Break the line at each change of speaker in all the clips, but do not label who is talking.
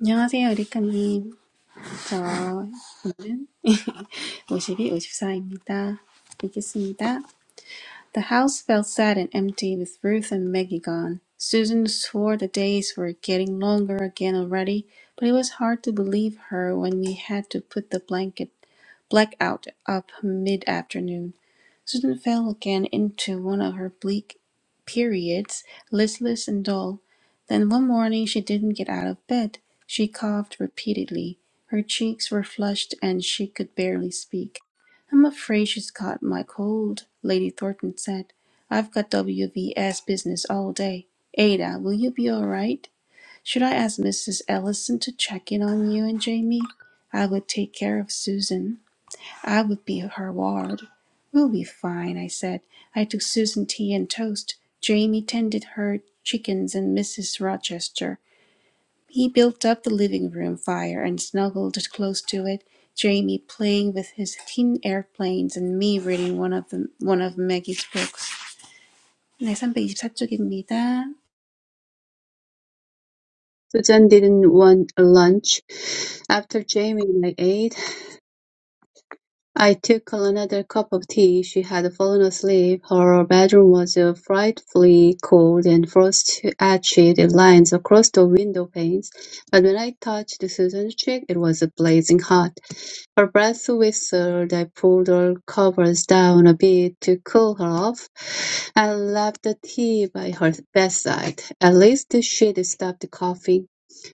안녕하세요, 리카님. 저 오늘은 52, 54입니다. 읽겠습니다. The house felt sad and empty with Ruth and Maggie gone. Susan swore the days were getting longer again already, but it was hard to believe her when we had to put the blanket blackout up mid-afternoon. Susan fell again into one of her bleak periods, listless and dull. Then one morning she didn't get out of bed. She coughed repeatedly. Her cheeks were flushed and she could barely speak. I'm afraid she's caught my cold, Lady Thornton said. I've got WVS business all day. Ada, will you be all right? Should I ask Mrs. Ellison to check in on you and Jamie? I would take care of Susan. I would be her ward. We'll be fine, I said. I took Susan tea and toast. Jamie tended her chickens and Mrs. Rochester. He built up the living room fire and snuggled close to it, Jamie playing with his tin airplanes and me reading one of, the, one of Maggie's books. 네, 삼백이십사 쪽입니다.
Susan didn't want lunch. After Jamie and I ate, I took another cup of tea. She had fallen asleep. Her bedroom was uh, frightfully cold and frost etched lines across the window panes, but when I touched Susan's cheek, it was blazing hot. Her breath whistled. I pulled her covers down a bit to cool her off and left the tea by her bedside. At least she'd stopped coughing.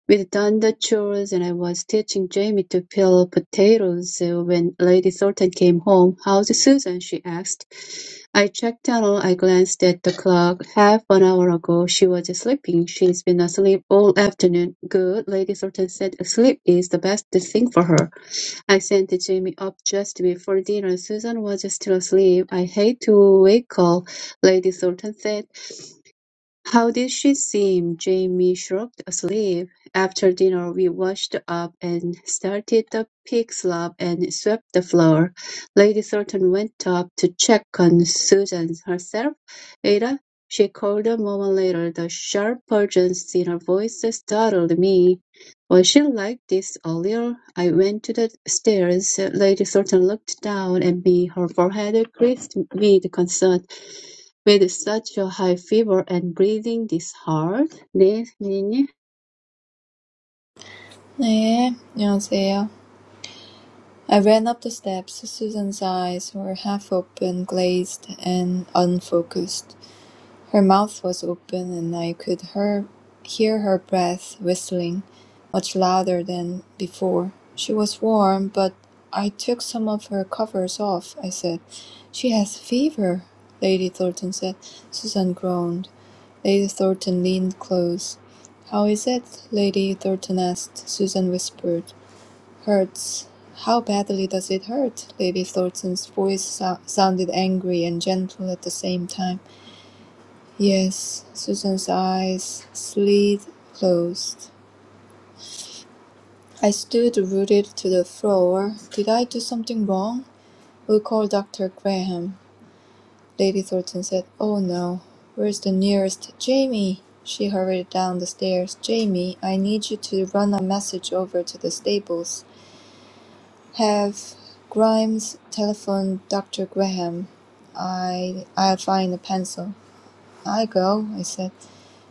We'd done the chores and I was teaching Jamie to peel potatoes so when Lady Thornton came home. "How's Susan?" she asked. I checked tunnel. I glanced at the clock. Half an hour ago, she was sleeping. She's been asleep all afternoon. Good, Lady Thornton said. Sleep is the best thing for her. I sent Jamie up just before dinner. Susan was still asleep. I hate to wake her, Lady Thornton said. How did she seem? Jamie shrugged. Asleep. After dinner, we washed up and started the pig slop and swept the floor. Lady Thornton went up to check on Susan herself. Ada, she called a moment later. The sharp urgency in her voice startled me. Was she like this earlier? I went to the stairs. Lady Thornton looked down at me. Her forehead creased with concern. With such a high fever and breathing this hard, Lenin,
네, 안녕하세요. I ran up the steps. Susan's eyes were half open, glazed, and unfocused. Her mouth was open, and I could her, hear her breath whistling, much louder than before. She was warm, but I took some of her covers off, I said. She has fever, Lady Thornton said. Susan groaned. Lady Thornton leaned close. How is it? Lady Thornton asked. Susan whispered. Hurts. How badly does it hurt? Lady Thornton's voice so- sounded angry and gentle at the same time. Yes, Susan's eyes slid closed. I stood rooted to the floor. Did I do something wrong? We'll call Dr. Graham. Lady Thornton said, Oh no. Where's the nearest Jamie? She hurried down the stairs. Jamie, I need you to run a message over to the stables. Have Grimes telephone Dr. Graham. I, I'll find a pencil. I go, I said.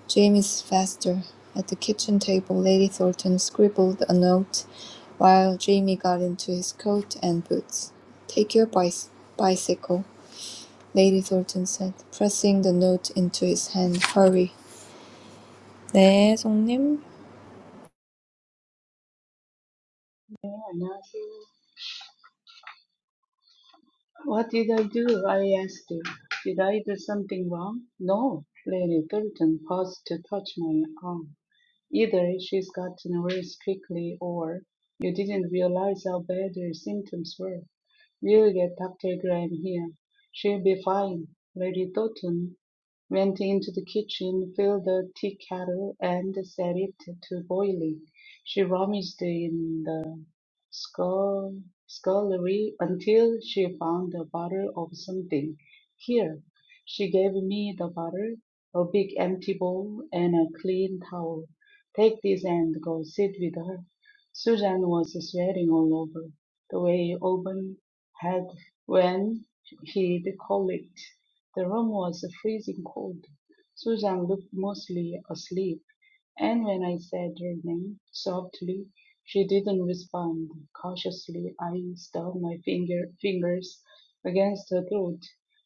Jamie's faster. At the kitchen table, Lady Thornton scribbled a note while Jamie got into his coat and boots. Take your bicy bicycle, Lady Thornton said, pressing the note into his hand. Hurry. 네, 송님.
Another, what did I do? I asked. Did I do something wrong? No, Lady Thornton paused to touch my arm. Either she's gotten worse quickly or you didn't realize how bad her symptoms were. We'll get Dr. Graham here. She'll be fine. Lady Thornton went into the kitchen, filled the tea kettle, and set it to boiling. She rummaged in the schol- scholarly until she found the bottle of something. Here, she gave me the bottle, a big empty bowl, and a clean towel. Take this and go sit with her. Susan was sweating all over. The way Oban had when he'd colicked. The room was freezing cold. Susan looked mostly asleep. And when I said her name softly, she didn't respond. Cautiously, I stubbed my finger, fingers against her throat.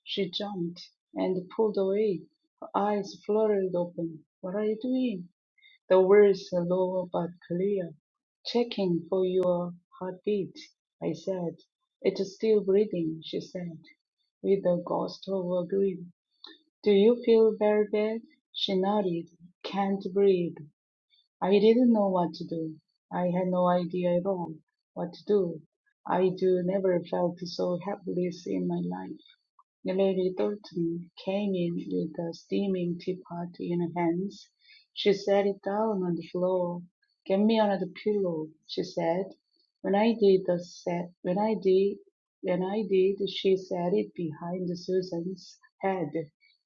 She jumped and pulled away. Her eyes fluttered open. What are you doing? The words are low but clear. Checking for your heartbeat, I said. It's still breathing, she said, with a ghost of a grin. Do you feel very bad? She nodded. Can't breathe. I didn't know what to do. I had no idea at all what to do. I do never felt so helpless in my life. Lady Doughton came in with a steaming teapot in her hands. She set it down on the floor. "Get me another pillow," she said. When I did, the set, when I did, when I did, she set it behind Susan's head.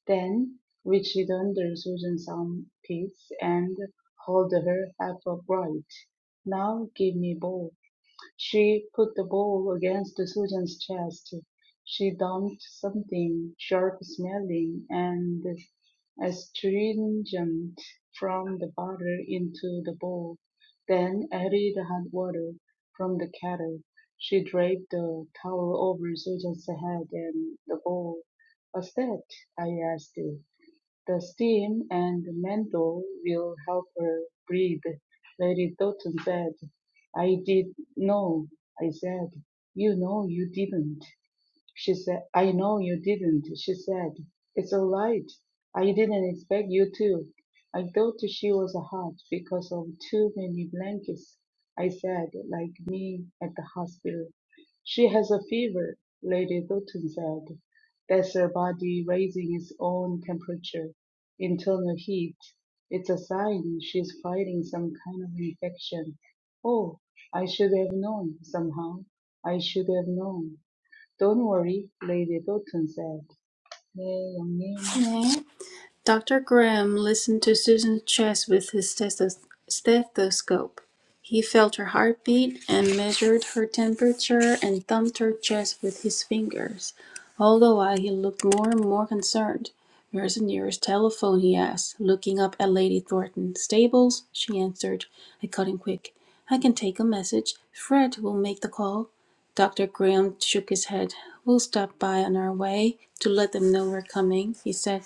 Then reached under Susan's armpits and held her half upright. "Now give me both," She put the bowl against Susan's chest. She dumped something sharp-smelling and astringent from the bottle into the bowl, then added hot water from the kettle. She draped the towel over Susan's head and the bowl. "What's that?" I asked. The steam and mantle will help her breathe. Lady Doughton said. "I did know," I said. "You know you didn't." She said, I know you didn't. She said, It's all right. I didn't expect you to. I thought she was hot because of too many blankets. I said, like me at the hospital. She has a fever, Lady Doughton said. That's her body raising its own temperature, internal heat. It's a sign she's fighting some kind of infection. Oh, I should have known somehow. I should have known. "Don't worry," Lady Doughton said. 네, 영님.
네. Dr. Graham listened to Susan's chest with his stethoscope. He felt her heartbeat and measured her temperature and thumped her chest with his fingers. All the while, he looked more and more concerned. Where's the nearest telephone? he asked, looking up at Lady Thornton. Stables, she answered. I cut in quick. I can take a message. Fred will make the call. Dr. Graham shook his head. We'll stop by on our way to let them know we're coming, he said.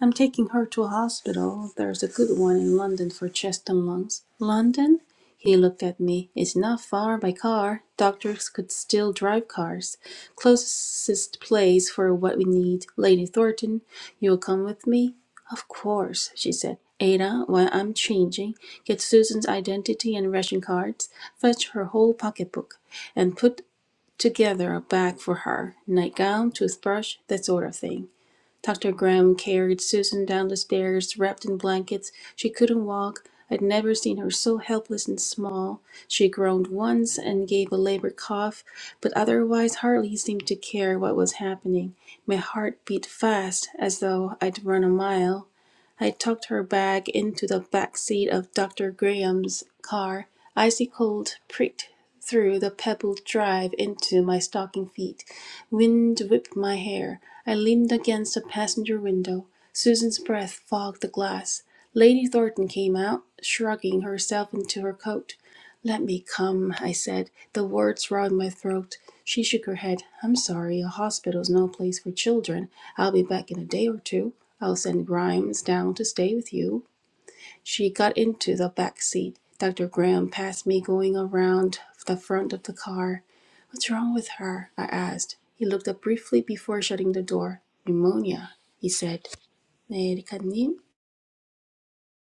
I'm taking her to a hospital. There's a good one in London for chest and lungs. London? He looked at me. It's not far by car. Doctors could still drive cars. Closest place for what we need. Lady Thornton, you'll come with me? Of course, she said. Ada, while I'm changing, get Susan's identity and ration cards, fetch her whole pocketbook, and put together a bag for her nightgown, toothbrush, that sort of thing. Dr. Graham carried Susan down the stairs, wrapped in blankets. She couldn't walk. I'd never seen her so helpless and small. She groaned once and gave a labor cough, but otherwise hardly seemed to care what was happening. My heart beat fast, as though I'd run a mile. I tucked her bag into the back seat of Dr. Graham's car. Icy cold pricked through the pebbled drive into my stocking feet. Wind whipped my hair. I leaned against a passenger window. Susan's breath fogged the glass. Lady Thornton came out, shrugging herself into her coat. Let me come, I said. The words raw in my throat. She shook her head. I'm sorry, a hospital's no place for children. I'll be back in a day or two. I'll send Grimes down to stay with you. She got into the back seat. Dr. Graham passed me going around the front of the car. What's wrong with her? I asked. He looked up briefly before shutting the door. Pneumonia, he said. "네, 리카님."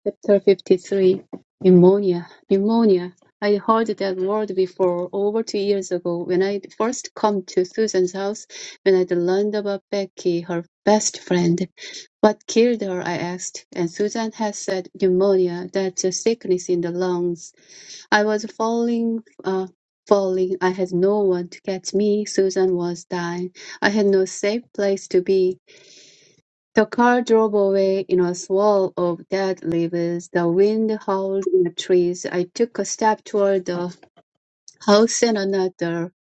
chapter 53, pneumonia, pneumonia. I heard that word before over two years ago when I first come to Susan's house when I learned about Becky, her best friend. What killed her, I asked, and Susan had said pneumonia, that's a sickness in the lungs. I was falling, uh, falling. I had no one to catch me. Susan was dying. I had no safe place to be. The car drove away in a swirl of dead leaves. The wind howled in the trees. I took a step toward the house and another.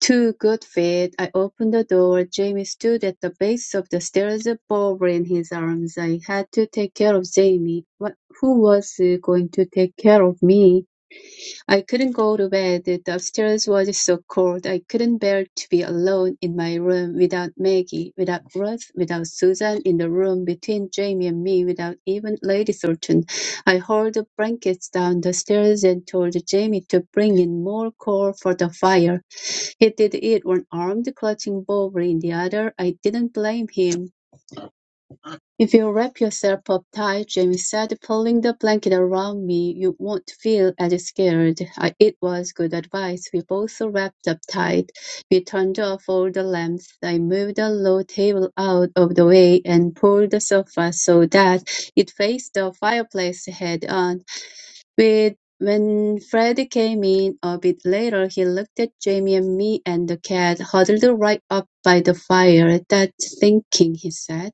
Two good feet. I opened the door. Jamie stood at the base of the stairs, a ball in his arms. I had to take care of Jamie. What, who was going to take care of me? I couldn't go to bed. The upstairs was so cold. I couldn't bear to be alone in my room without Maggie, without Ruth, without Susan in the room between Jamie and me, without even Lady Thornton. I hauled the blankets down the stairs and told Jamie to bring in more coal for the fire. He did it one armed, clutching Bobby in the other. I didn't blame him. If you wrap yourself up tight, Jamie said, pulling the blanket around me, you won't feel as scared. I, it was good advice. We both wrapped up tight. We turned off all the lamps. I moved the low table out of the way and pulled the sofa so that it faced the fireplace head on. With when Freddy came in a bit later, he looked at Jamie and me, and the cat huddled right up by the fire. That's thinking, he said.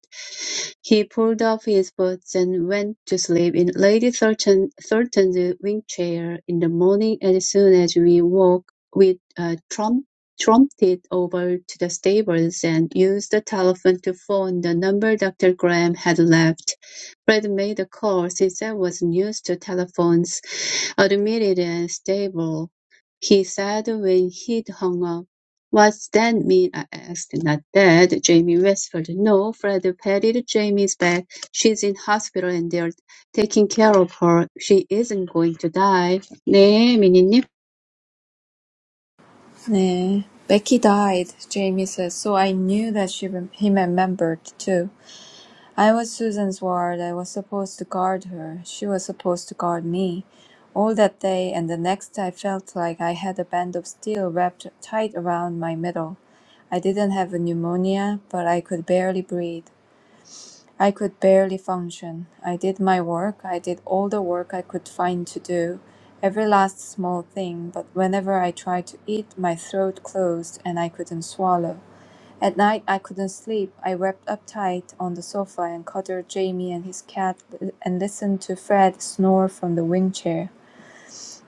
He pulled off his boots and went to sleep in Lady Thornton, Thornton's wing chair. In the morning, as soon as we woke, we uh, trum- trumpeted over to the stables and used the telephone to phone the number Dr. Graham had left. Fred made a call. since Caesar was used to telephones, Admitted and stable. He said when he'd hung up. What's that mean? I asked. Not dead, Jamie whispered. No, Fred patted Jamie's back. She's in hospital and they're taking care of her. She isn't going to die. 네, 미니님.
네. Becky died, Jamie said, so I knew that she rem- he remembered too. I was Susan's ward. I was supposed to guard her. She was supposed to guard me. All that day and the next, I felt like I had a band of steel wrapped tight around my middle. I didn't have a pneumonia, but I could barely breathe. I could barely function. I did my work. I did all the work I could find to do, every last small thing, but whenever I tried to eat, my throat closed and I couldn't swallow. At night, I couldn't sleep. I wrapped up tight on the sofa and cuddled Jamie and his cat and listened to Fred snore from the wing chair.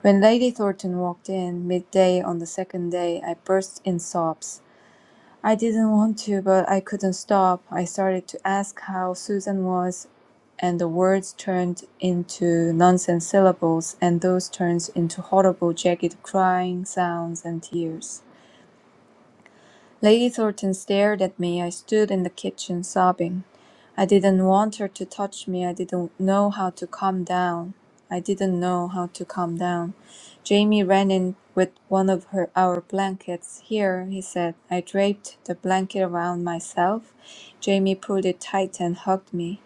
When Lady Thornton walked in midday on the second day, I burst in sobs. I didn't want to, but I couldn't stop. I started to ask how Susan was, and the words turned into nonsense syllables, and those turned into horrible, jagged crying sounds and tears. Lady Thornton stared at me. I stood in the kitchen sobbing. I didn't want her to touch me. I didn't know how to calm down. I didn't know how to calm down. Jamie ran in with one of her our blankets. Here, he said. I draped the blanket around myself. Jamie pulled it tight and hugged me.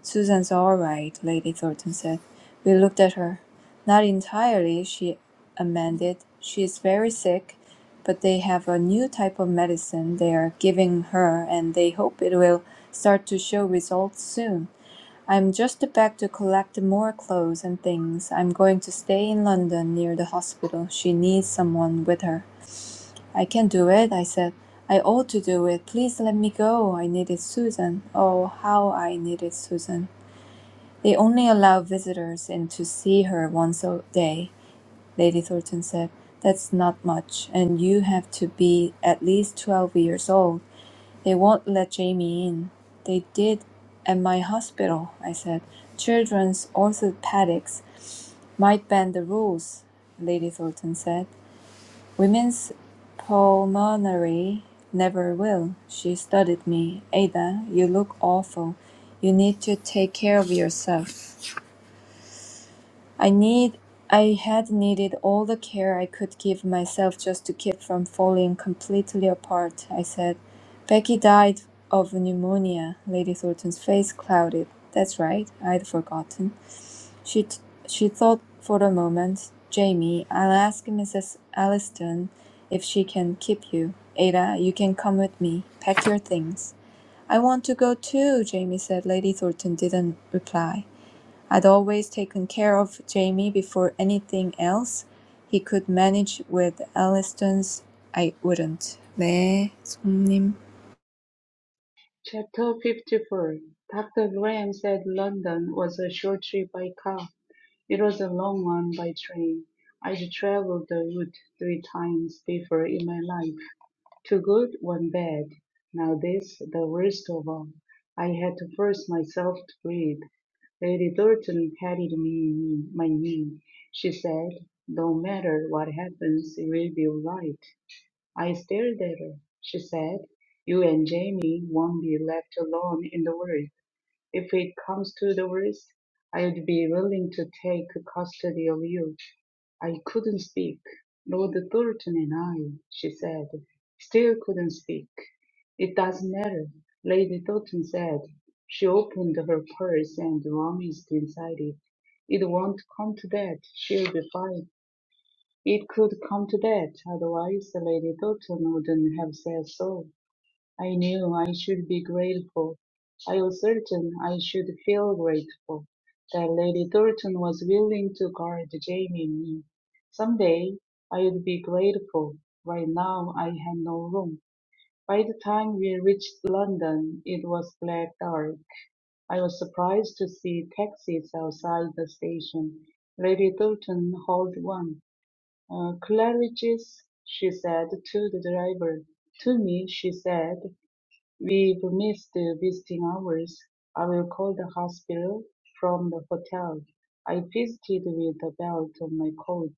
Susan's all right, Lady Thornton said. We looked at her. Not entirely, she amended. She is very sick but they have a new type of medicine they are giving her and they hope it will start to show results soon. I'm just back to collect more clothes and things. I'm going to stay in London near the hospital. She needs someone with her. I can do it, I said. I ought to do it. Please let me go. I needed Susan. Oh, how I needed Susan. They only allow visitors in to see her once a day. Lady Thornton said. That's not much, and you have to be at least 12 years old. They won't let Jamie in. They did at my hospital, I said. Children's orthopedics might bend the rules, Lady Thornton said. Women's pulmonary never will. She studied me. Ada, you look awful. You need to take care of yourself. I need I had needed all the care I could give myself just to keep from falling completely apart, I said. Becky died of pneumonia. Lady Thornton's face clouded. That's right, I'd forgotten. She t- she thought for a moment. Jamie, I'll ask Mrs. Alliston if she can keep you. Ada, you can come with me. Pack your things. I want to go too, Jamie said. Lady Thornton didn't reply. I'd always taken care of Jamie before anything else. He could manage with Alliston's I wouldn't. 네, 손님.
Chapter 54 Dr. Graham said London was a short trip by car. It was a long one by train. I'd traveled the route three times before in my life. Two good, one bad. Now this, the worst of all. I had to force myself to breathe. Lady Doughton patted me, my knee. She said, no matter what happens, it will be all right. I stared at her. She said, You and Jamie won't be left alone in the world. If it comes to the worst, I'd be willing to take custody of you. I couldn't speak. Lord Thornton and I, she said, still couldn't speak. It doesn't matter, Lady Thornton said. She opened her purse and rummaged inside it. It won't come to that. She'll be fine. It could come to that, otherwise the Lady Doughton wouldn't have said so. I knew I should be grateful. I was certain I should feel grateful that Lady Doughton was willing to guard Jamie and me. Someday I would be grateful. Right now I had no room. By the time we reached London, it was black dark. I was surprised to see taxis outside the station. Lady Doughton hauled one. Uh, Claridge's, she said to the driver. To me, she said, we've missed the visiting hours. I will call the hospital from the hotel. I visited with the belt on my coat.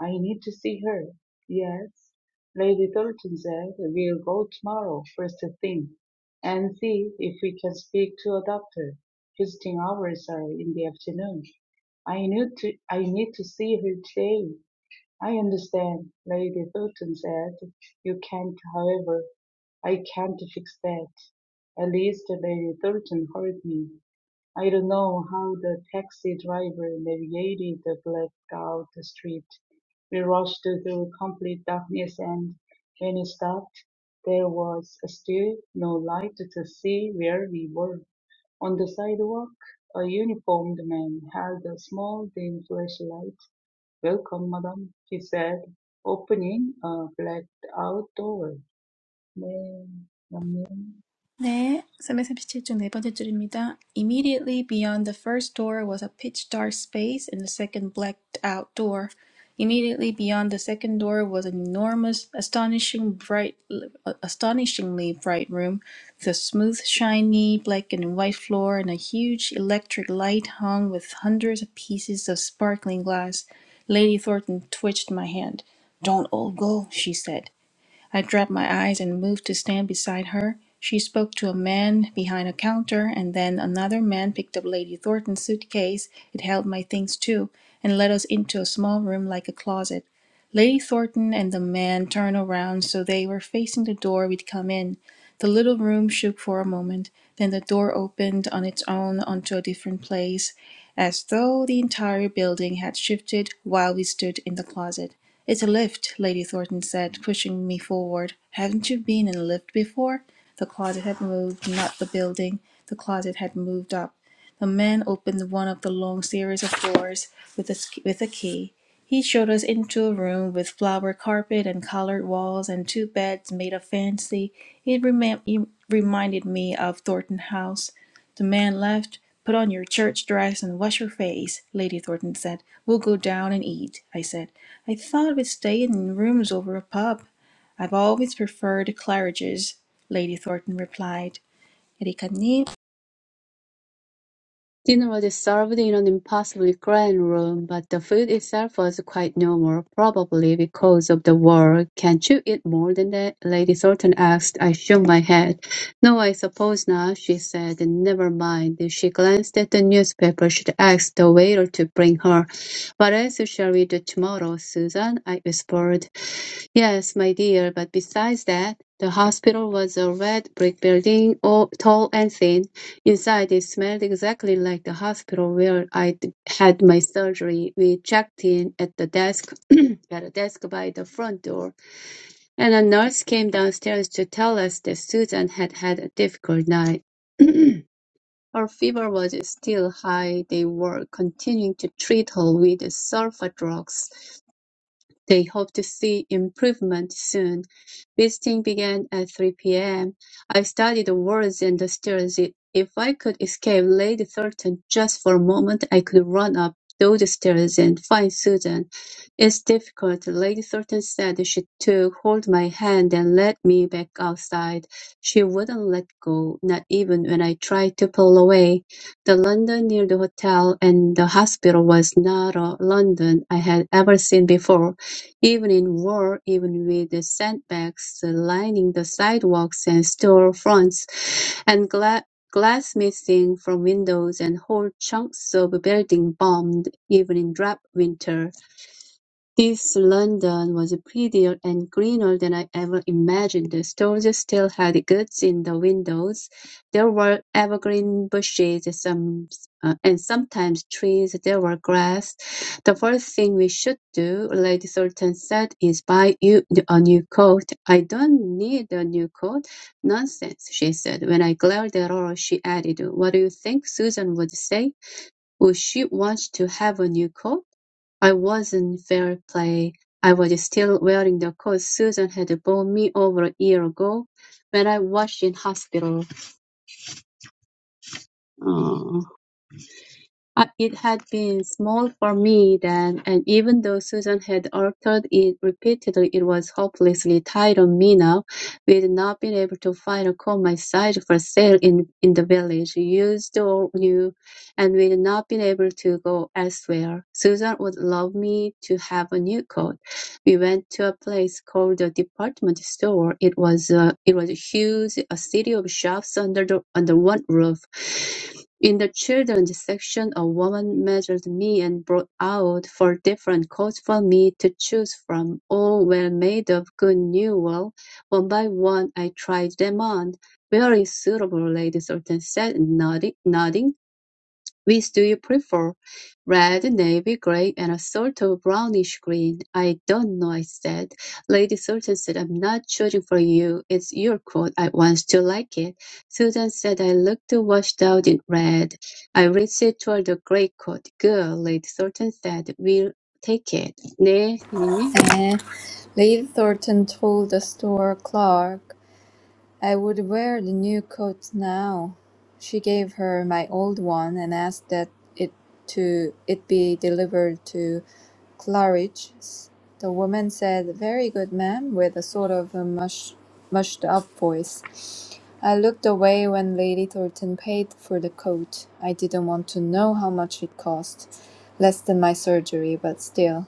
I need to see her. Yes, Lady Thornton said, we'll go tomorrow first thing and see if we can speak to a doctor. Visiting hours are in the afternoon. I knew to, I need to see her today. I understand, Lady Thornton said. You can't, however, I can't fix that. At least Lady Thornton heard me. I don't know how the taxi driver navigated the blackout street. We rushed through complete darkness and when it stopped, there was still no light to see where we were. On the sidewalk, a uniformed man held a small dim flashlight Welcome, madam, she said, opening a blacked-out door. "May- may-
네, 337쪽 네 번째 줄입니다. Immediately beyond the first door was a pitch-dark space and the second blacked-out door. Immediately beyond the second door was an enormous, astonishing bright, astonishingly bright room with a smooth, shiny black and white floor and a huge electric light hung with hundreds of pieces of sparkling glass. Lady Thornton twitched my hand. Don't all go, she said. I dropped my eyes and moved to stand beside her. She spoke to a man behind a counter, and then another man picked up Lady Thornton's suitcase. It held my things too, and led us into a small room like a closet. Lady Thornton and the man turned around so they were facing the door we'd come in. The little room shook for a moment, then the door opened on its own onto a different place, as though the entire building had shifted while we stood in the closet. "It's a lift," Lady Thornton said, pushing me forward. "Haven't you been in a lift before?" The closet had moved, not the building. The closet had moved up. The man opened one of the long series of doors with a, with a key. He showed us into a room with flower carpet and colored walls and two beds made of fancy. It remem- reminded me of Thornton House. The man left. Put on your church dress and wash your face, Lady Thornton said. We'll go down and eat, I said. I thought we would stay in rooms over a pub. I've always preferred Claridge's, Lady Thornton replied. 에리카님,
Dinner was served in an impossibly clean room, but the food itself was quite normal, probably because of the war. "Can't you eat more than that?" Lady Thornton asked. I shook my head. "No, I suppose not," she said. "Never mind." She glanced at the newspaper. She'd asked the waiter to bring her. "What else shall we do tomorrow, Susan?" I whispered. Yes, my dear, but besides that, the hospital was a red brick building, all tall and thin. Inside, it smelled exactly like the hospital where I had my surgery. We checked in at the desk, at a desk by the front door, and a nurse came downstairs to tell us that Susan had had a difficult night. Her fever was still high. They were continuing to treat her with sulfa drugs. They hope to see improvement soon. Visiting began at 3 p.m. I studied the walls and the stairs. I- If I could escape Lady Thornton just for a moment, I could run up those stairs and find Susan. It's difficult, Lady Thornton said. She took hold of my hand and led me back outside. She wouldn't let go, not even when I tried to pull away. The London near the hotel and the hospital was not a London I had ever seen before. Even in war, even with the sandbags lining the sidewalks and store fronts, and gla- glass missing from windows and whole chunks of building bombed, even in drab winter. This London was prettier and greener than I ever imagined. The stores still had goods in the windows. There were evergreen bushes, some uh, and sometimes trees. There were grass. The first thing we should do, Lady Thornton said, is buy you a new coat. I don't need a new coat. Nonsense, she said. When I glared at her, she added, What do you think Susan would say? Would she want to have a new coat? I wasn't fair play. I was still wearing the coat Susan had bought me over a year ago when I was in hospital. Uh, It had been small for me then, and even though Susan had altered it repeatedly, it was hopelessly tight on me now. We'd not been able to find a coat my size for sale in, in the village, used or new, and we'd not been able to go elsewhere. Susan would love me to have a new coat. We went to a place called a department store. It was uh, it was huge, a city of shops under the, under one roof. In the children's section, a woman measured me and brought out four different coats for me to choose from. All well made of good new wool. One by one, I tried them on. "Very suitable," Lady Sultan said, nodding. nodding. Which do you prefer? Red, navy, grey, and a sort of brownish green. I don't know, I said. Lady Sultan said, I'm not choosing for you. It's your coat. I want to like it. Susan said, I looked washed out in red. I reached toward the grey coat. Good, Lady Sultan said. We'll take it. 네, 유니님.
네. Lady Thornton told the store clerk I would wear the new coat now. She gave her my old one and asked that it to it be delivered to Claridge's. The woman said, "Very good, ma'am," with a sort of a mush, mushed up voice. I looked away when Lady Thornton paid for the coat. I didn't want to know how much it cost. Less than my surgery, but still.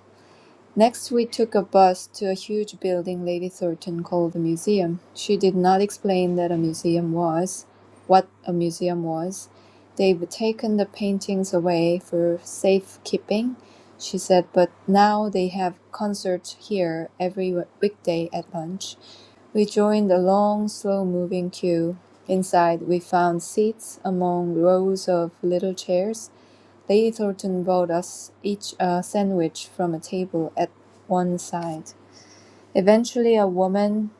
Next, we took a bus to a huge building Lady Thornton called a museum. She did not explain that a museum was, what a museum was. They've taken the paintings away for safekeeping, she said, but now they have concerts here every weekday at lunch. We joined a long, slow moving queue. Inside, we found seats among rows of little chairs Lady Thornton brought us each a sandwich from a table at one side. Eventually a woman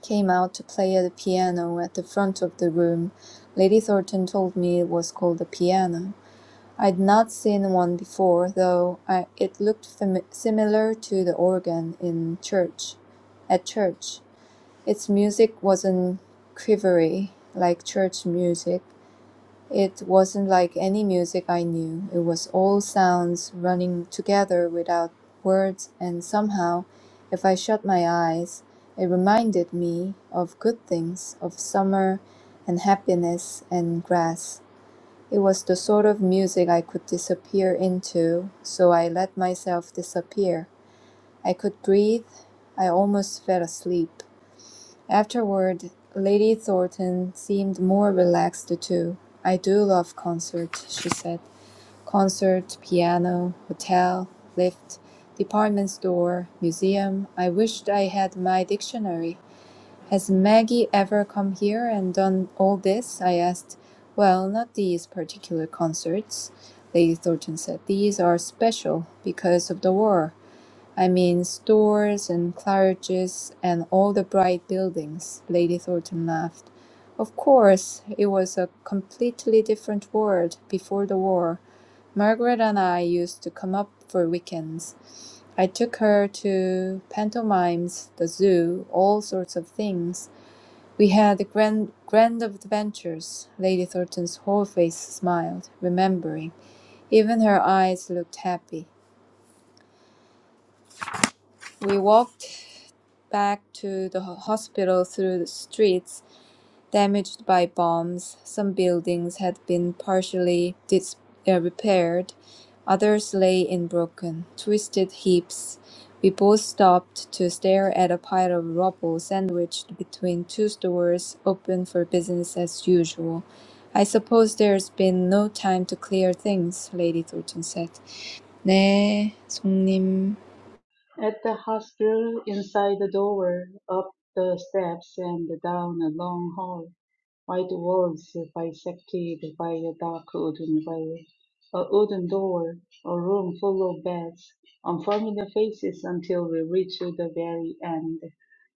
came out to play at the piano at the front of the room. Lady Thornton told me it was called a piano. I would not seen one before, though I, it looked fami- similar to the organ in church. At church, its music wasn't quivery like church music, it wasn't like any music I knew. It was all sounds running together without words, and somehow, if I shut my eyes, it reminded me of good things, of summer and happiness and grass. It was the sort of music I could disappear into, so I let myself disappear. I could breathe. I almost fell asleep. Afterward, Lady Thornton seemed more relaxed too. "I do love concert," she said. "Concert, piano, hotel, lift, department store, museum. I wished I had my dictionary. Has Maggie ever come here and done all this?" I asked. "Well, not these particular concerts," Lady Thornton said. "These are special because of the war. I mean, stores and Claridge's and all the bright buildings, Lady Thornton laughed. Of course, it was a completely different world before the war. Margaret and I used to come up for weekends. I took her to pantomimes, the zoo, all sorts of things. We had grand, grand adventures. Lady Thornton's whole face smiled, remembering. Even her eyes looked happy. We walked back to the ho- hospital through the streets damaged by bombs. Some buildings had been partially dis- uh, repaired, others lay in broken, twisted heaps. We both stopped to stare at a pile of rubble sandwiched between two stores open for business as usual. I suppose there's been no time to clear things, Lady Thornton said. 네, 송님.
At the hospital, inside the door, up the steps and down a long hall, white walls bisected by a dark wooden rail, a wooden door, a room full of beds, unfamiliar faces until we reached the very end,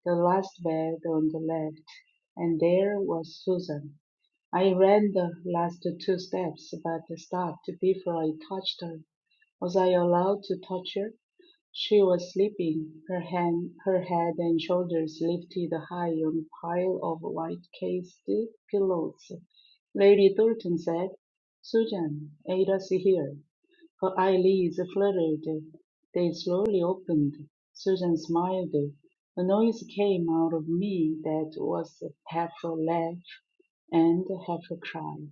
the last bed on the left, and there was Susan. I ran the last two steps, but stopped before I touched her. Was I allowed to touch her? She was sleeping, her hand, her head and shoulders lifted high on a pile of white cased pillows. Lady Thornton said, Susan, aid us here. Her eyelids fluttered; they slowly opened. Susan smiled. A noise came out of me that was half a laugh and half a cry.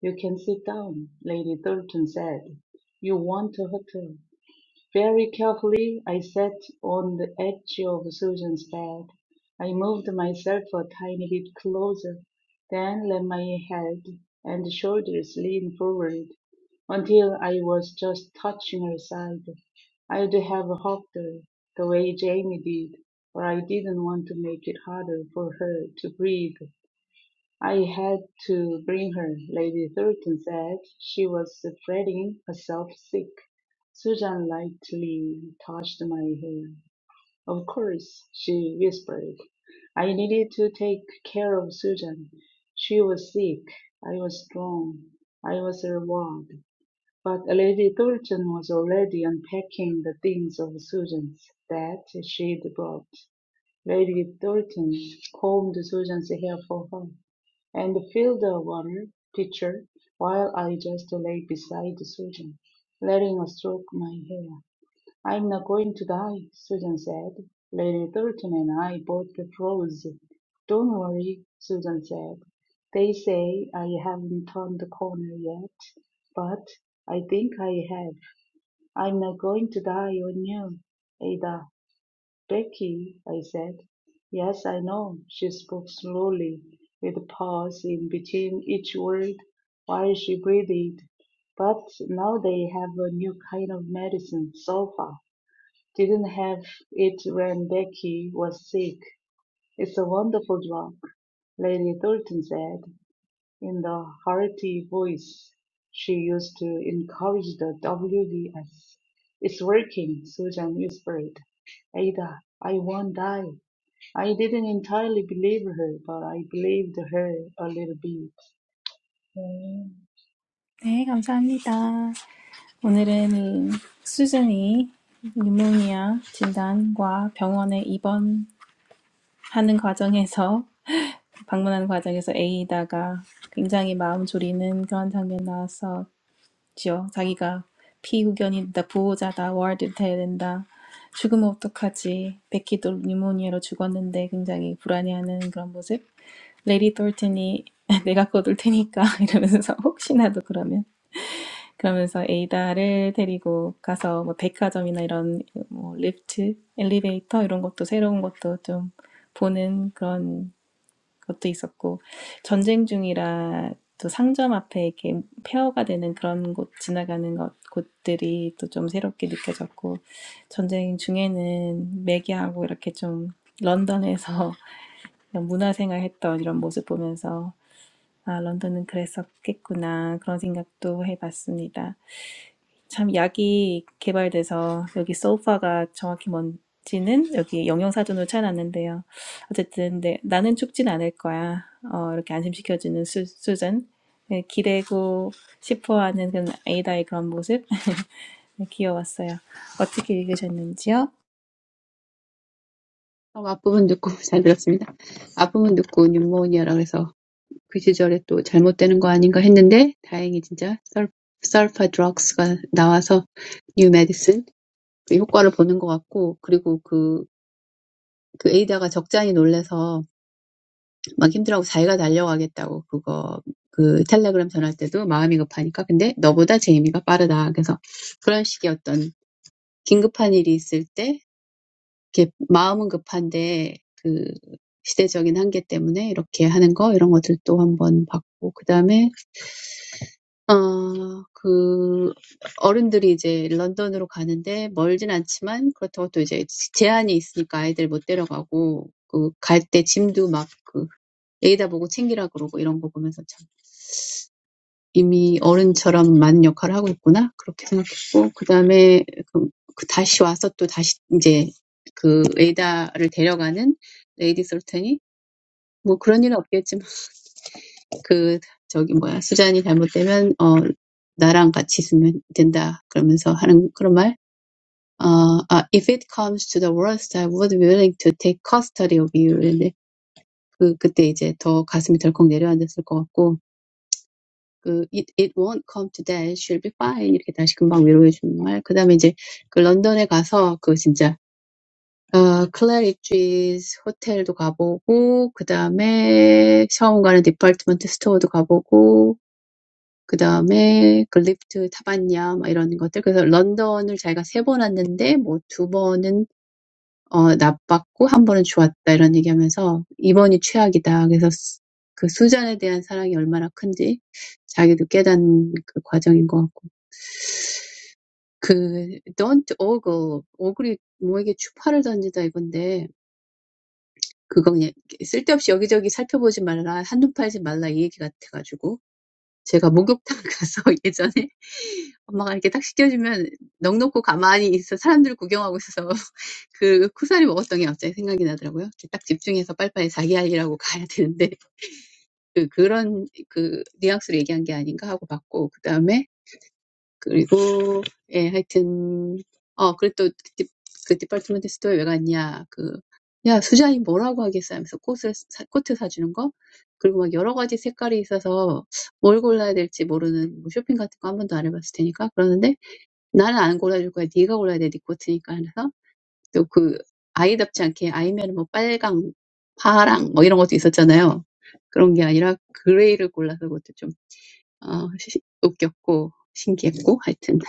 "You can sit down," Lady Thornton said. "You want not hurt very carefully I sat on the edge of Susan's bed. I moved myself a tiny bit closer, then let my head and shoulders lean forward until I was just touching her side. I'd have hugged her the way Jamie did, but I didn't want to make it harder for her to breathe. I had to bring her, Lady Thornton said. She was spreading herself sick. Susan lightly touched my hair. Of course, she whispered. I needed to take care of Susan. She was sick. I was strong. I was her ward. But Lady Thornton was already unpacking the things of Susan's that she'd brought. Lady Thornton combed Susan's hair for her, and filled a water pitcher, while I just lay beside Susan, letting her stroke my hair. I'm not going to die, Susan said. Lady Thornton and I both froze. Don't worry, Susan said. They say I haven't turned the corner yet, but I think I have. I'm not going to die on you, Ada. "Becky," I said. "Yes, I know." She spoke slowly, with pause in between each word while she breathed. "But now they have a new kind of medicine sulfa. Didn't have it when Becky was sick. It's a wonderful drug," Lady Thornton said, in the hearty voice she used to encourage the WVS. "It's working," Susan whispered. "Ada, I won't die. I didn't entirely believe her, but I believed her a little bit. 음,
네, 감사합니다. 오늘은 수진이 유모니아 진단과 병원에 입원하는 과정에서 방문하는 과정에서 에이다가 굉장히 마음 졸이는 그런 장면 나와서 지요. 자기가 피후견이다, 부호자다, 워드돼야 된다. 죽으면 어떡하지? 베키도 뉴모니아로 죽었는데 굉장히 불안해하는 그런 모습. 레리 톨튼이 내가 거둘 테니까 이러면서 혹시나도 그러면 그러면서 에이다를 데리고 가서 뭐 백화점이나 이런 뭐 리프트, 엘리베이터 이런 것도 새로운 것도 좀 보는 그런 것도 있었고 전쟁 중이라 또 상점 앞에 이렇게 폐허가 되는 그런 곳 지나가는 것 곳들이 또 좀 새롭게 느껴졌고 전쟁 중에는 매개하고 이렇게 좀 런던에서 그냥 문화생활했던 이런 모습 보면서 아 런던은 그랬었겠구나 그런 생각도 해봤습니다. 참 약이 개발돼서 여기 소파가 정확히 뭔지는 여기 영양사전으로 찾아놨는데요. 어쨌든 네, 나는 죽진 않을 거야. 어, 이렇게 안심시켜주는 수, 수잔. 네, 기대고 싶어하는 그런 에이다의 그런 모습 네, 귀여웠어요. 어떻게 읽으셨는지요?
앞부분 듣고 잘 들었습니다. 앞부분 듣고 뉴모니아라 그래서 그 시절에 또 잘못되는 거 아닌가 했는데 다행히 진짜 설, sulfa drugs가 나와서 new medicine 그 효과를 보는 것 같고 그리고 그, 그 에이다가 적잖이 놀래서 막 힘들어하고 자기가 달려가겠다고 그거 그 텔레그램 전할 때도 마음이 급하니까 근데 너보다 제이미가 빠르다 그래서 그런 식의 어떤 긴급한 일이 있을 때 이렇게 마음은 급한데 그 시대적인 한계 때문에 이렇게 하는 거 이런 것들도 한번 봤고 그 다음에 어, 그, 어른들이 이제 런던으로 가는데 멀진 않지만 그렇다고 또 이제 제한이 있으니까 아이들 못 데려가고 그 갈 때 짐도 막그 레이다 보고 챙기라 그러고 이런 거 보면서 참 이미 어른처럼 많은 역할을 하고 있구나 그렇게 생각했고 그다음에 그, 그 다시 와서 또 다시 이제 그 에이다를 데려가는 레이디 솔턴이 뭐 그런 일은 그 저기 뭐야 수잔이 잘못되면 어 나랑 같이 있으면 된다 그러면서 하는 그런 말. 어, 아, if it comes to the worst, I would be willing to take custody of you. 근데 그 그때 이제 더 가슴이 덜컥 내려앉았을 것 같고 그 it, it won't come to that, she'll be fine 이렇게 다시 금방 위로해 주는 말. 그다음에 이제 그 런던에 가서 그 진짜 어, 클래리지's 호텔도 가보고 그 그다음에 샤워가는 디파트먼트 스토어도 가보고 그 다음에 글리프트 타봤냐 막 이런 것들. 그래서 런던을 자기가 세 세번 왔는데 뭐 뭐두 번은 어, 나빴고 한 번은 좋았다 이런 얘기하면서 이번이 최악이다. 수- 그 수잔에 대한 사랑이 얼마나 큰지 자기도 깨닫는 그 과정인 것 같고. 그 don't ogle, ogle이 뭐에게 추파를 던지다 이건데 그거 그냥 쓸데없이 여기저기 살펴보지 말라, 한눈 팔지 말라 이 얘기 같아가지고 제가 목욕탕 가서 예전에 엄마가 이렇게 딱 시켜주면 넋놓고 가만히 있어 사람들 구경하고 있어서 그 쿠사리 먹었던 게 갑자기 생각이 나더라고요. 이렇게 딱 집중해서 빨리빨리 자기 할 일하고 가야 되는데 그 그런 그 뉘앙스로 얘기한 게 아닌가 하고 봤고 그 다음에. 그리고 예 하여튼 어 그래도 그, 디- 그 디파트먼트 스토어에 왜 갔냐 그야 수잔이 뭐라고 하겠어 하면서 꽃을 사, 코트 사주는 거 그리고 막 여러 가지 색깔이 있어서 뭘 골라야 될지 모르는 뭐 쇼핑 같은 거 한 번도 안 해봤을 테니까 그러는데 나는 안 골라줄 거야 네가 골라야 돼네 코트니까 해서 또 그 아이답지 않게 아이면 뭐 빨강 파랑 뭐 이런 것도 있었잖아요 그런 게 아니라 그레이를 골라서 그것도 좀 uh, funny and interesting, and all that kind of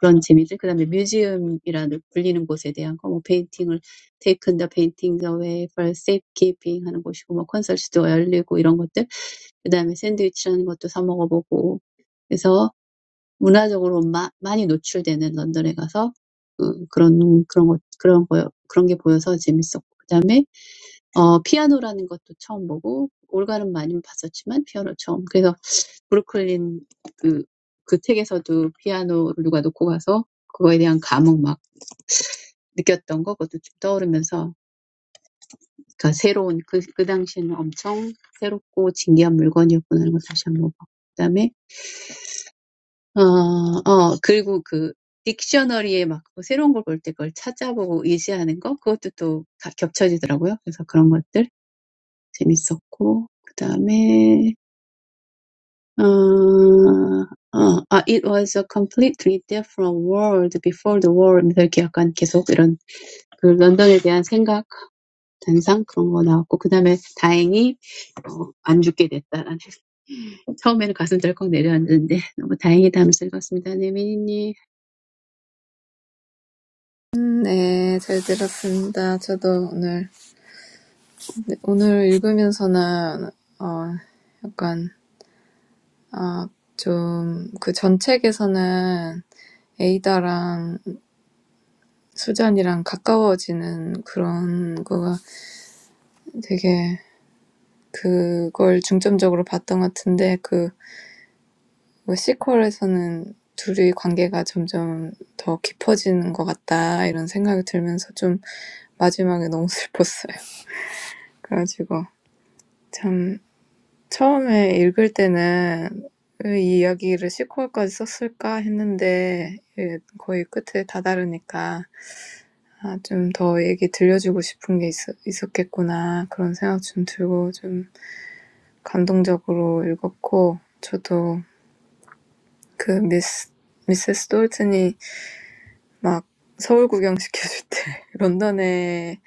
fun. Then the museum, which is called the place where paintings are taken away for safekeeping. It's a place where concerts are held. And then sandwiches. I tried some sandwiches. So culturally, I was exposed to London. So I saw that kind of thing. It was fun. Then I saw a piano for the first time. I've seen a lot of things, but a piano for the first time. 브루클린 그, 그 책에서도 피아노를 누가 놓고 가서 그거에 대한 감흥 막 느꼈던 거 그것도 좀 떠오르면서 그러니까 새로운 그, 그 당시에는 엄청 새롭고 진귀한 물건이었구나 하는 거 다시 한번 보고 그다음에 어, 어 그리고 그 딕셔너리에 막 새로운 걸볼때 그걸 찾아보고 의지하는 거 그것도 또 가- 겹쳐지더라고요. 그래서 그런 것들 재밌었고 그다음에 Uh, 어, 아, it was a completely different world before the war. 이렇게 약간 계속 이런 그 런던에 대한 생각, 단상 그런 거 나왔고 그 다음에 다행히 어, 안 죽게 됐다라는 처음에는 가슴 덜컥 내려앉는데 너무 다행이다 하면서 읽었습니다. 네미니님,
음, 네, 잘 들었습니다. 저도 오늘 오늘 읽으면서는 어 약간 아 좀 그 전 책에서는 에이다랑 수잔이랑 가까워지는 그런 거가 되게 그걸 중점적으로 봤던 것 같은데 그 시퀄에서는 둘이 관계가 점점 더 깊어지는 것 같다 이런 생각이 들면서 좀 마지막에 너무 슬펐어요. 그래가지고 참 처음에 읽을 때는 '왜 이 이야기를 시퀄까지 썼을까?' 했는데 예 거의 끝에 다다르니까 '아 좀 더 얘기 들려주고 싶은 게 있었 있었겠구나.' 그런 생각 좀 들고 좀 감동적으로 읽었고 저도 그 미스 미세스 톨튼이 막 서울 구경시켜줄 때 런던에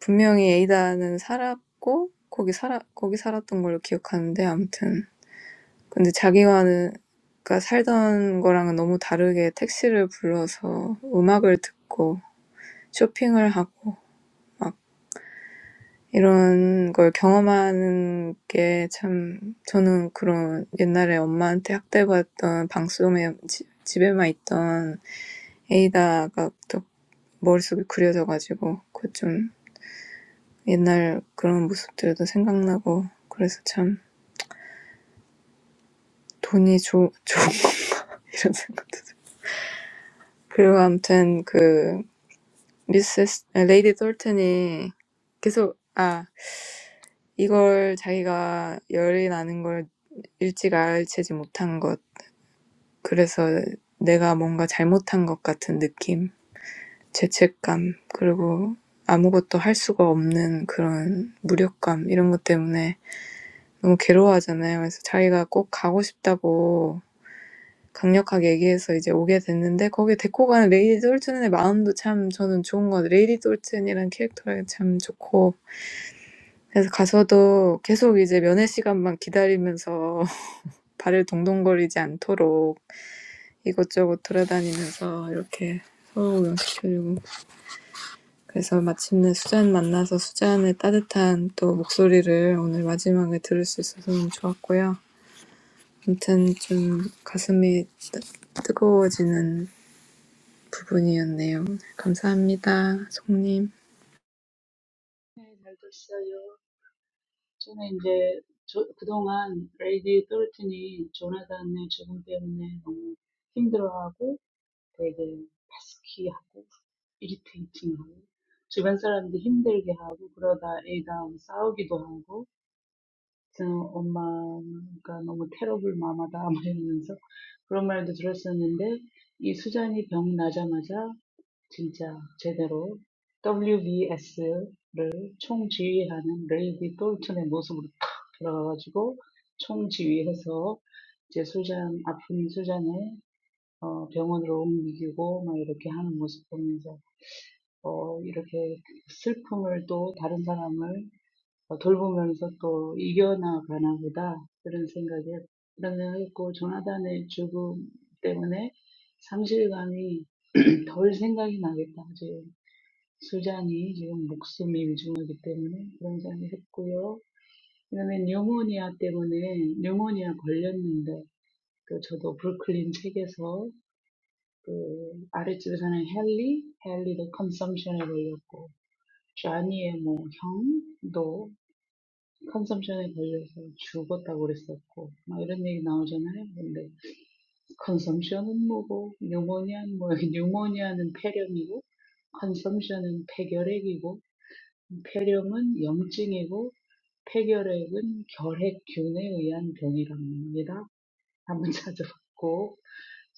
분명히 에이다는 살았고 거기 살았 거기 살았던 걸로 기억하는데 아무튼 근데 자기와는 살던 거랑은 너무 다르게 택시를 불러서 음악을 듣고 쇼핑을 하고 막 이런 걸 경험하는 게참 저는 그런 옛날에 엄마한테 학대받던 방소매 지- 집에만 있던 에이다가 또 머릿속에 그려져 가지고 좀 옛날 그런 모습들도 생각나고 그래서 참 돈이 좋 좋은 거 이런 생각도 들고 그리고 아무튼 그 미세스 아, 레이디 톨튼이 계속 아 이걸 자기가 열이 나는 걸 일찍 알채지 못한 것 그래서 내가 뭔가 잘못한 것 같은 느낌 죄책감 그리고 아무것도 할 수가 없는 그런 무력감 이런 것 때문에 너무 괴로워하잖아요. 그래서 자기가 꼭 가고 싶다고 강력하게 얘기해서 이제 오게 됐는데 거기에 데리고 가는 레이디 톨튼의 마음도 참 저는 좋은 것 같아요. 레이디 톨튼이란 캐릭터가 참 좋고 그래서 가서도 계속 이제 면회 시간만 기다리면서 발을 동동거리지 않도록 이것저것 돌아다니면서 이렇게 서로 구경시켜주고 그래서 마침내 수잔 만나서 수잔의 따뜻한 또 목소리를 오늘 마지막에 들을 수 있어서 너무 좋았고요. 아무튼 좀 가슴이 뜨, 뜨거워지는 부분이었네요. 감사합니다, 송님.
네, 잘 됐어요. 저는 이제 저, 그동안 레이디 톨튼이 조나단의 죽음 때문에 너무 힘들어하고 되게 파스키하고 이리테이팅하고 주변 사람들 힘들게 하고 그러다 애랑 싸우기도 하고 그래서 엄마가 너무 테러블 마마다 막 그런 말도 들었었는데 이 수잔이 병 나자마자 진짜 제대로 WBS를 총지휘하는 레이디 똘튼의 모습으로 탁 들어가가지고 총지휘해서 이제 수잔 아픈 수잔을 어, 병원으로 옮기고 막 이렇게 하는 모습 보면서 어, 이렇게 슬픔을 또 다른 사람을 어, 돌보면서 또 이겨나가나 보다 그런 생각이 그런 생각했고 조나단의 죽음 때문에 상실감이 덜 생각이 나겠다. 이제. 수장이 지금 목숨이 위중하기 때문에 그런 장을 했고요. 그다음에 뉴모니아 때문에 뉴모니아 걸렸는데 그 저도 브루클린 책에서 그 아랫집에 사는 헨리, 헨리도 컨섬션에 걸렸고 쟈니의 뭐 형도 컨섬션에 걸려서 죽었다고 그랬었고 막 이런 얘기 나오잖아요. 근데 컨섬션은 뭐고 뉴모니아는 뭐 뉴모니아는 폐렴이고 컨섬션은 폐결핵이고 폐렴은 염증이고 폐결핵은 결핵균에 의한 병이랍니다. 한번 찾아봤고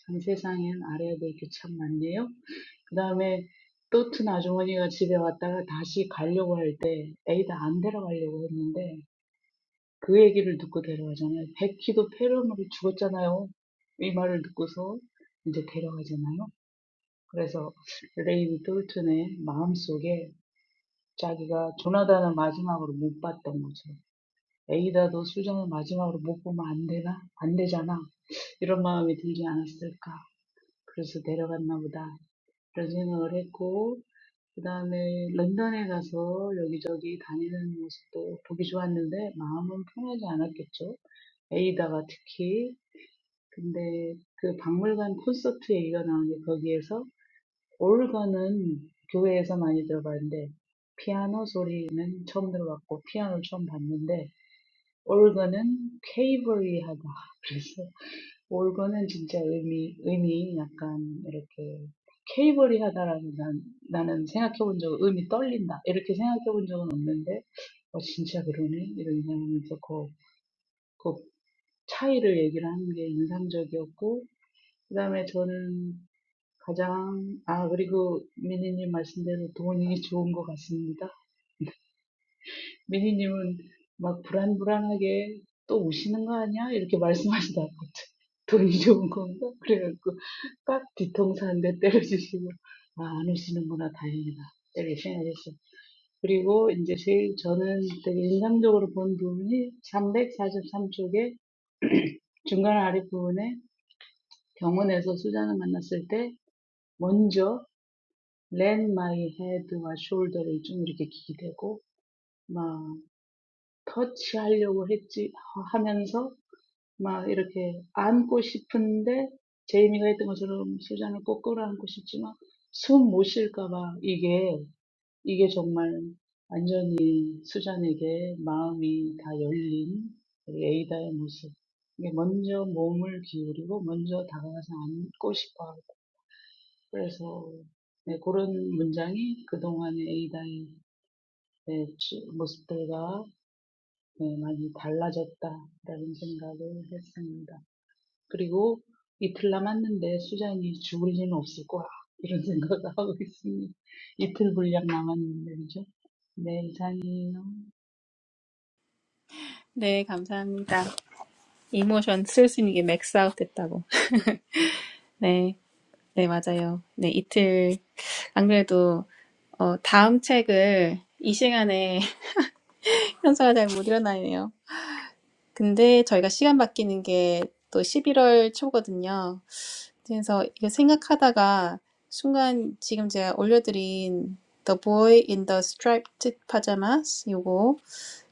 참 세상엔 알아야 될 게 참 많네요. 그 그다음에 또튼 아주머니가 집에 왔다가 다시 가려고 할때 에이다 안 데려가려고 했는데 그 얘기를 듣고 데려가잖아요. 백희도 폐렴으로 죽었잖아요. 이 말을 듣고서 이제 데려가잖아요. 그래서 레이비 똘튼의 마음속에 자기가 조나단을 마지막으로 못 봤던 거죠. 에이다, 너 수정을 마지막으로 못 보면 안 되나? 안 되잖아. 이런 마음이 들지 않았을까? 그래서 내려갔나 보다. 이런 생각을 했고, 그 다음에 런던에 가서 여기저기 다니는 모습도 보기 좋았는데, 마음은 편하지 않았겠죠. 에이다가 특히. 근데 그 박물관 콘서트 얘기가 나오는데, 거기에서 올가는 교회에서 많이 들어봤는데, 피아노 소리는 처음 들어봤고, 피아노를 처음 봤는데, 올건은 케이블리하다. 그래서 올건은 진짜 의미, 의미 약간 이렇게 케이블리하다라는 난, 나는 생각해본 본 적은 의미 떨린다. 이렇게 생각해본 적은 없는데, 어, 진짜 그러네. 이런 생각하면서 그, 그 차이를 얘기를 하는 게 인상적이었고, 그 다음에 저는 가장, 아, 그리고 미니님 말씀대로 돈이 좋은 것 같습니다. 미니님은 막 불안불안하게 또 우시는 거 아니야? 이렇게 말씀하시다가 돈이 좋은 건가? 그래갖고 딱 뒤통수 한대 때려주시고 아, 안 우시는구나 다행이다 이렇게 생각했어요. 그리고 이제 제일 저는 되게 인상적으로 본 부분이 343쪽에 중간 아랫부분에 병원에서 수잔을 만났을 때 먼저 Lend my head와 shoulder를 좀 이렇게 기대고 막 터치하려고 했지 하면서 막 이렇게 안고 싶은데 제이미가 했던 것처럼 수잔을 꼭 끌어안고 싶지만 숨못 쉴까 봐 이게 이게 정말 완전히 수잔에게 마음이 다 열린 우리 에이다의 모습. 이게 먼저 몸을 기울이고 먼저 다가가서 안고 싶어. 하고. 그래서 네, 그런 문장이 그동안의 에이다의 네, 주- 모습들과 네, 많이 달라졌다라는 생각을 했습니다. 그리고 이틀 남았는데 수잔이 죽을 리는 없을 거야. 이런 생각을 하고 있습니다. 이틀 분량 남았는데, 그죠? 네, 이상이에요.
네, 감사합니다. 이모션 슬슬 이게 있는 게 맥스아웃 됐다고. 네, 네, 맞아요. 네, 이틀. 안 그래도, 어, 다음 책을 이 시간에 현사가 잘 못 일어나네요. 근데 저희가 시간 바뀌는 게 또 11월 초거든요. 그래서 이거 생각하다가 순간 지금 제가 올려드린 The Boy in the Striped Pajamas 요거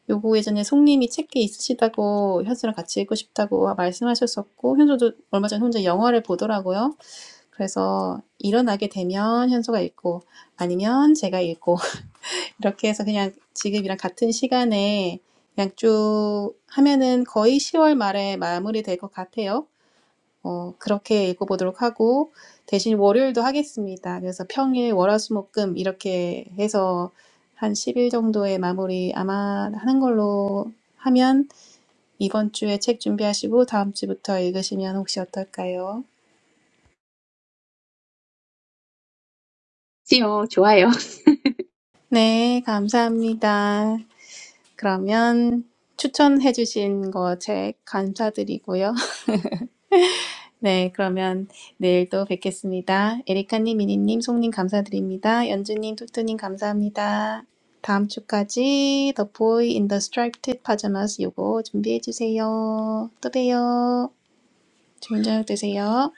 요거 예전에 송님이 책에 있으시다고 현수랑 같이 읽고 싶다고 말씀하셨었고 현수도 얼마 전에 혼자 영화를 보더라고요. 그래서 일어나게 되면 현수가 읽고 아니면 제가 읽고 이렇게 해서 그냥 지금이랑 같은 시간에 양쪽 하면은 거의 10월 말에 마무리될 것 같아요. 어, 그렇게 읽어보도록 하고, 대신 월요일도 하겠습니다. 그래서 평일, 월화수목금 이렇게 해서 한 10일 정도의 마무리 아마 하는 걸로 하면 이번 주에 책 준비하시고 다음 주부터 읽으시면 혹시 어떨까요?
씨요, 좋아요.
네, 감사합니다. 그러면 추천해주신 거 책 감사드리고요. 네, 그러면 내일 또 뵙겠습니다. 에리카님, 미니님, 송님 감사드립니다. 연주님, 투투님 감사합니다. 다음 주까지 The Boy in the Striped Pajamas 요거 준비해 주세요. 또 봬요. 좋은 저녁 되세요.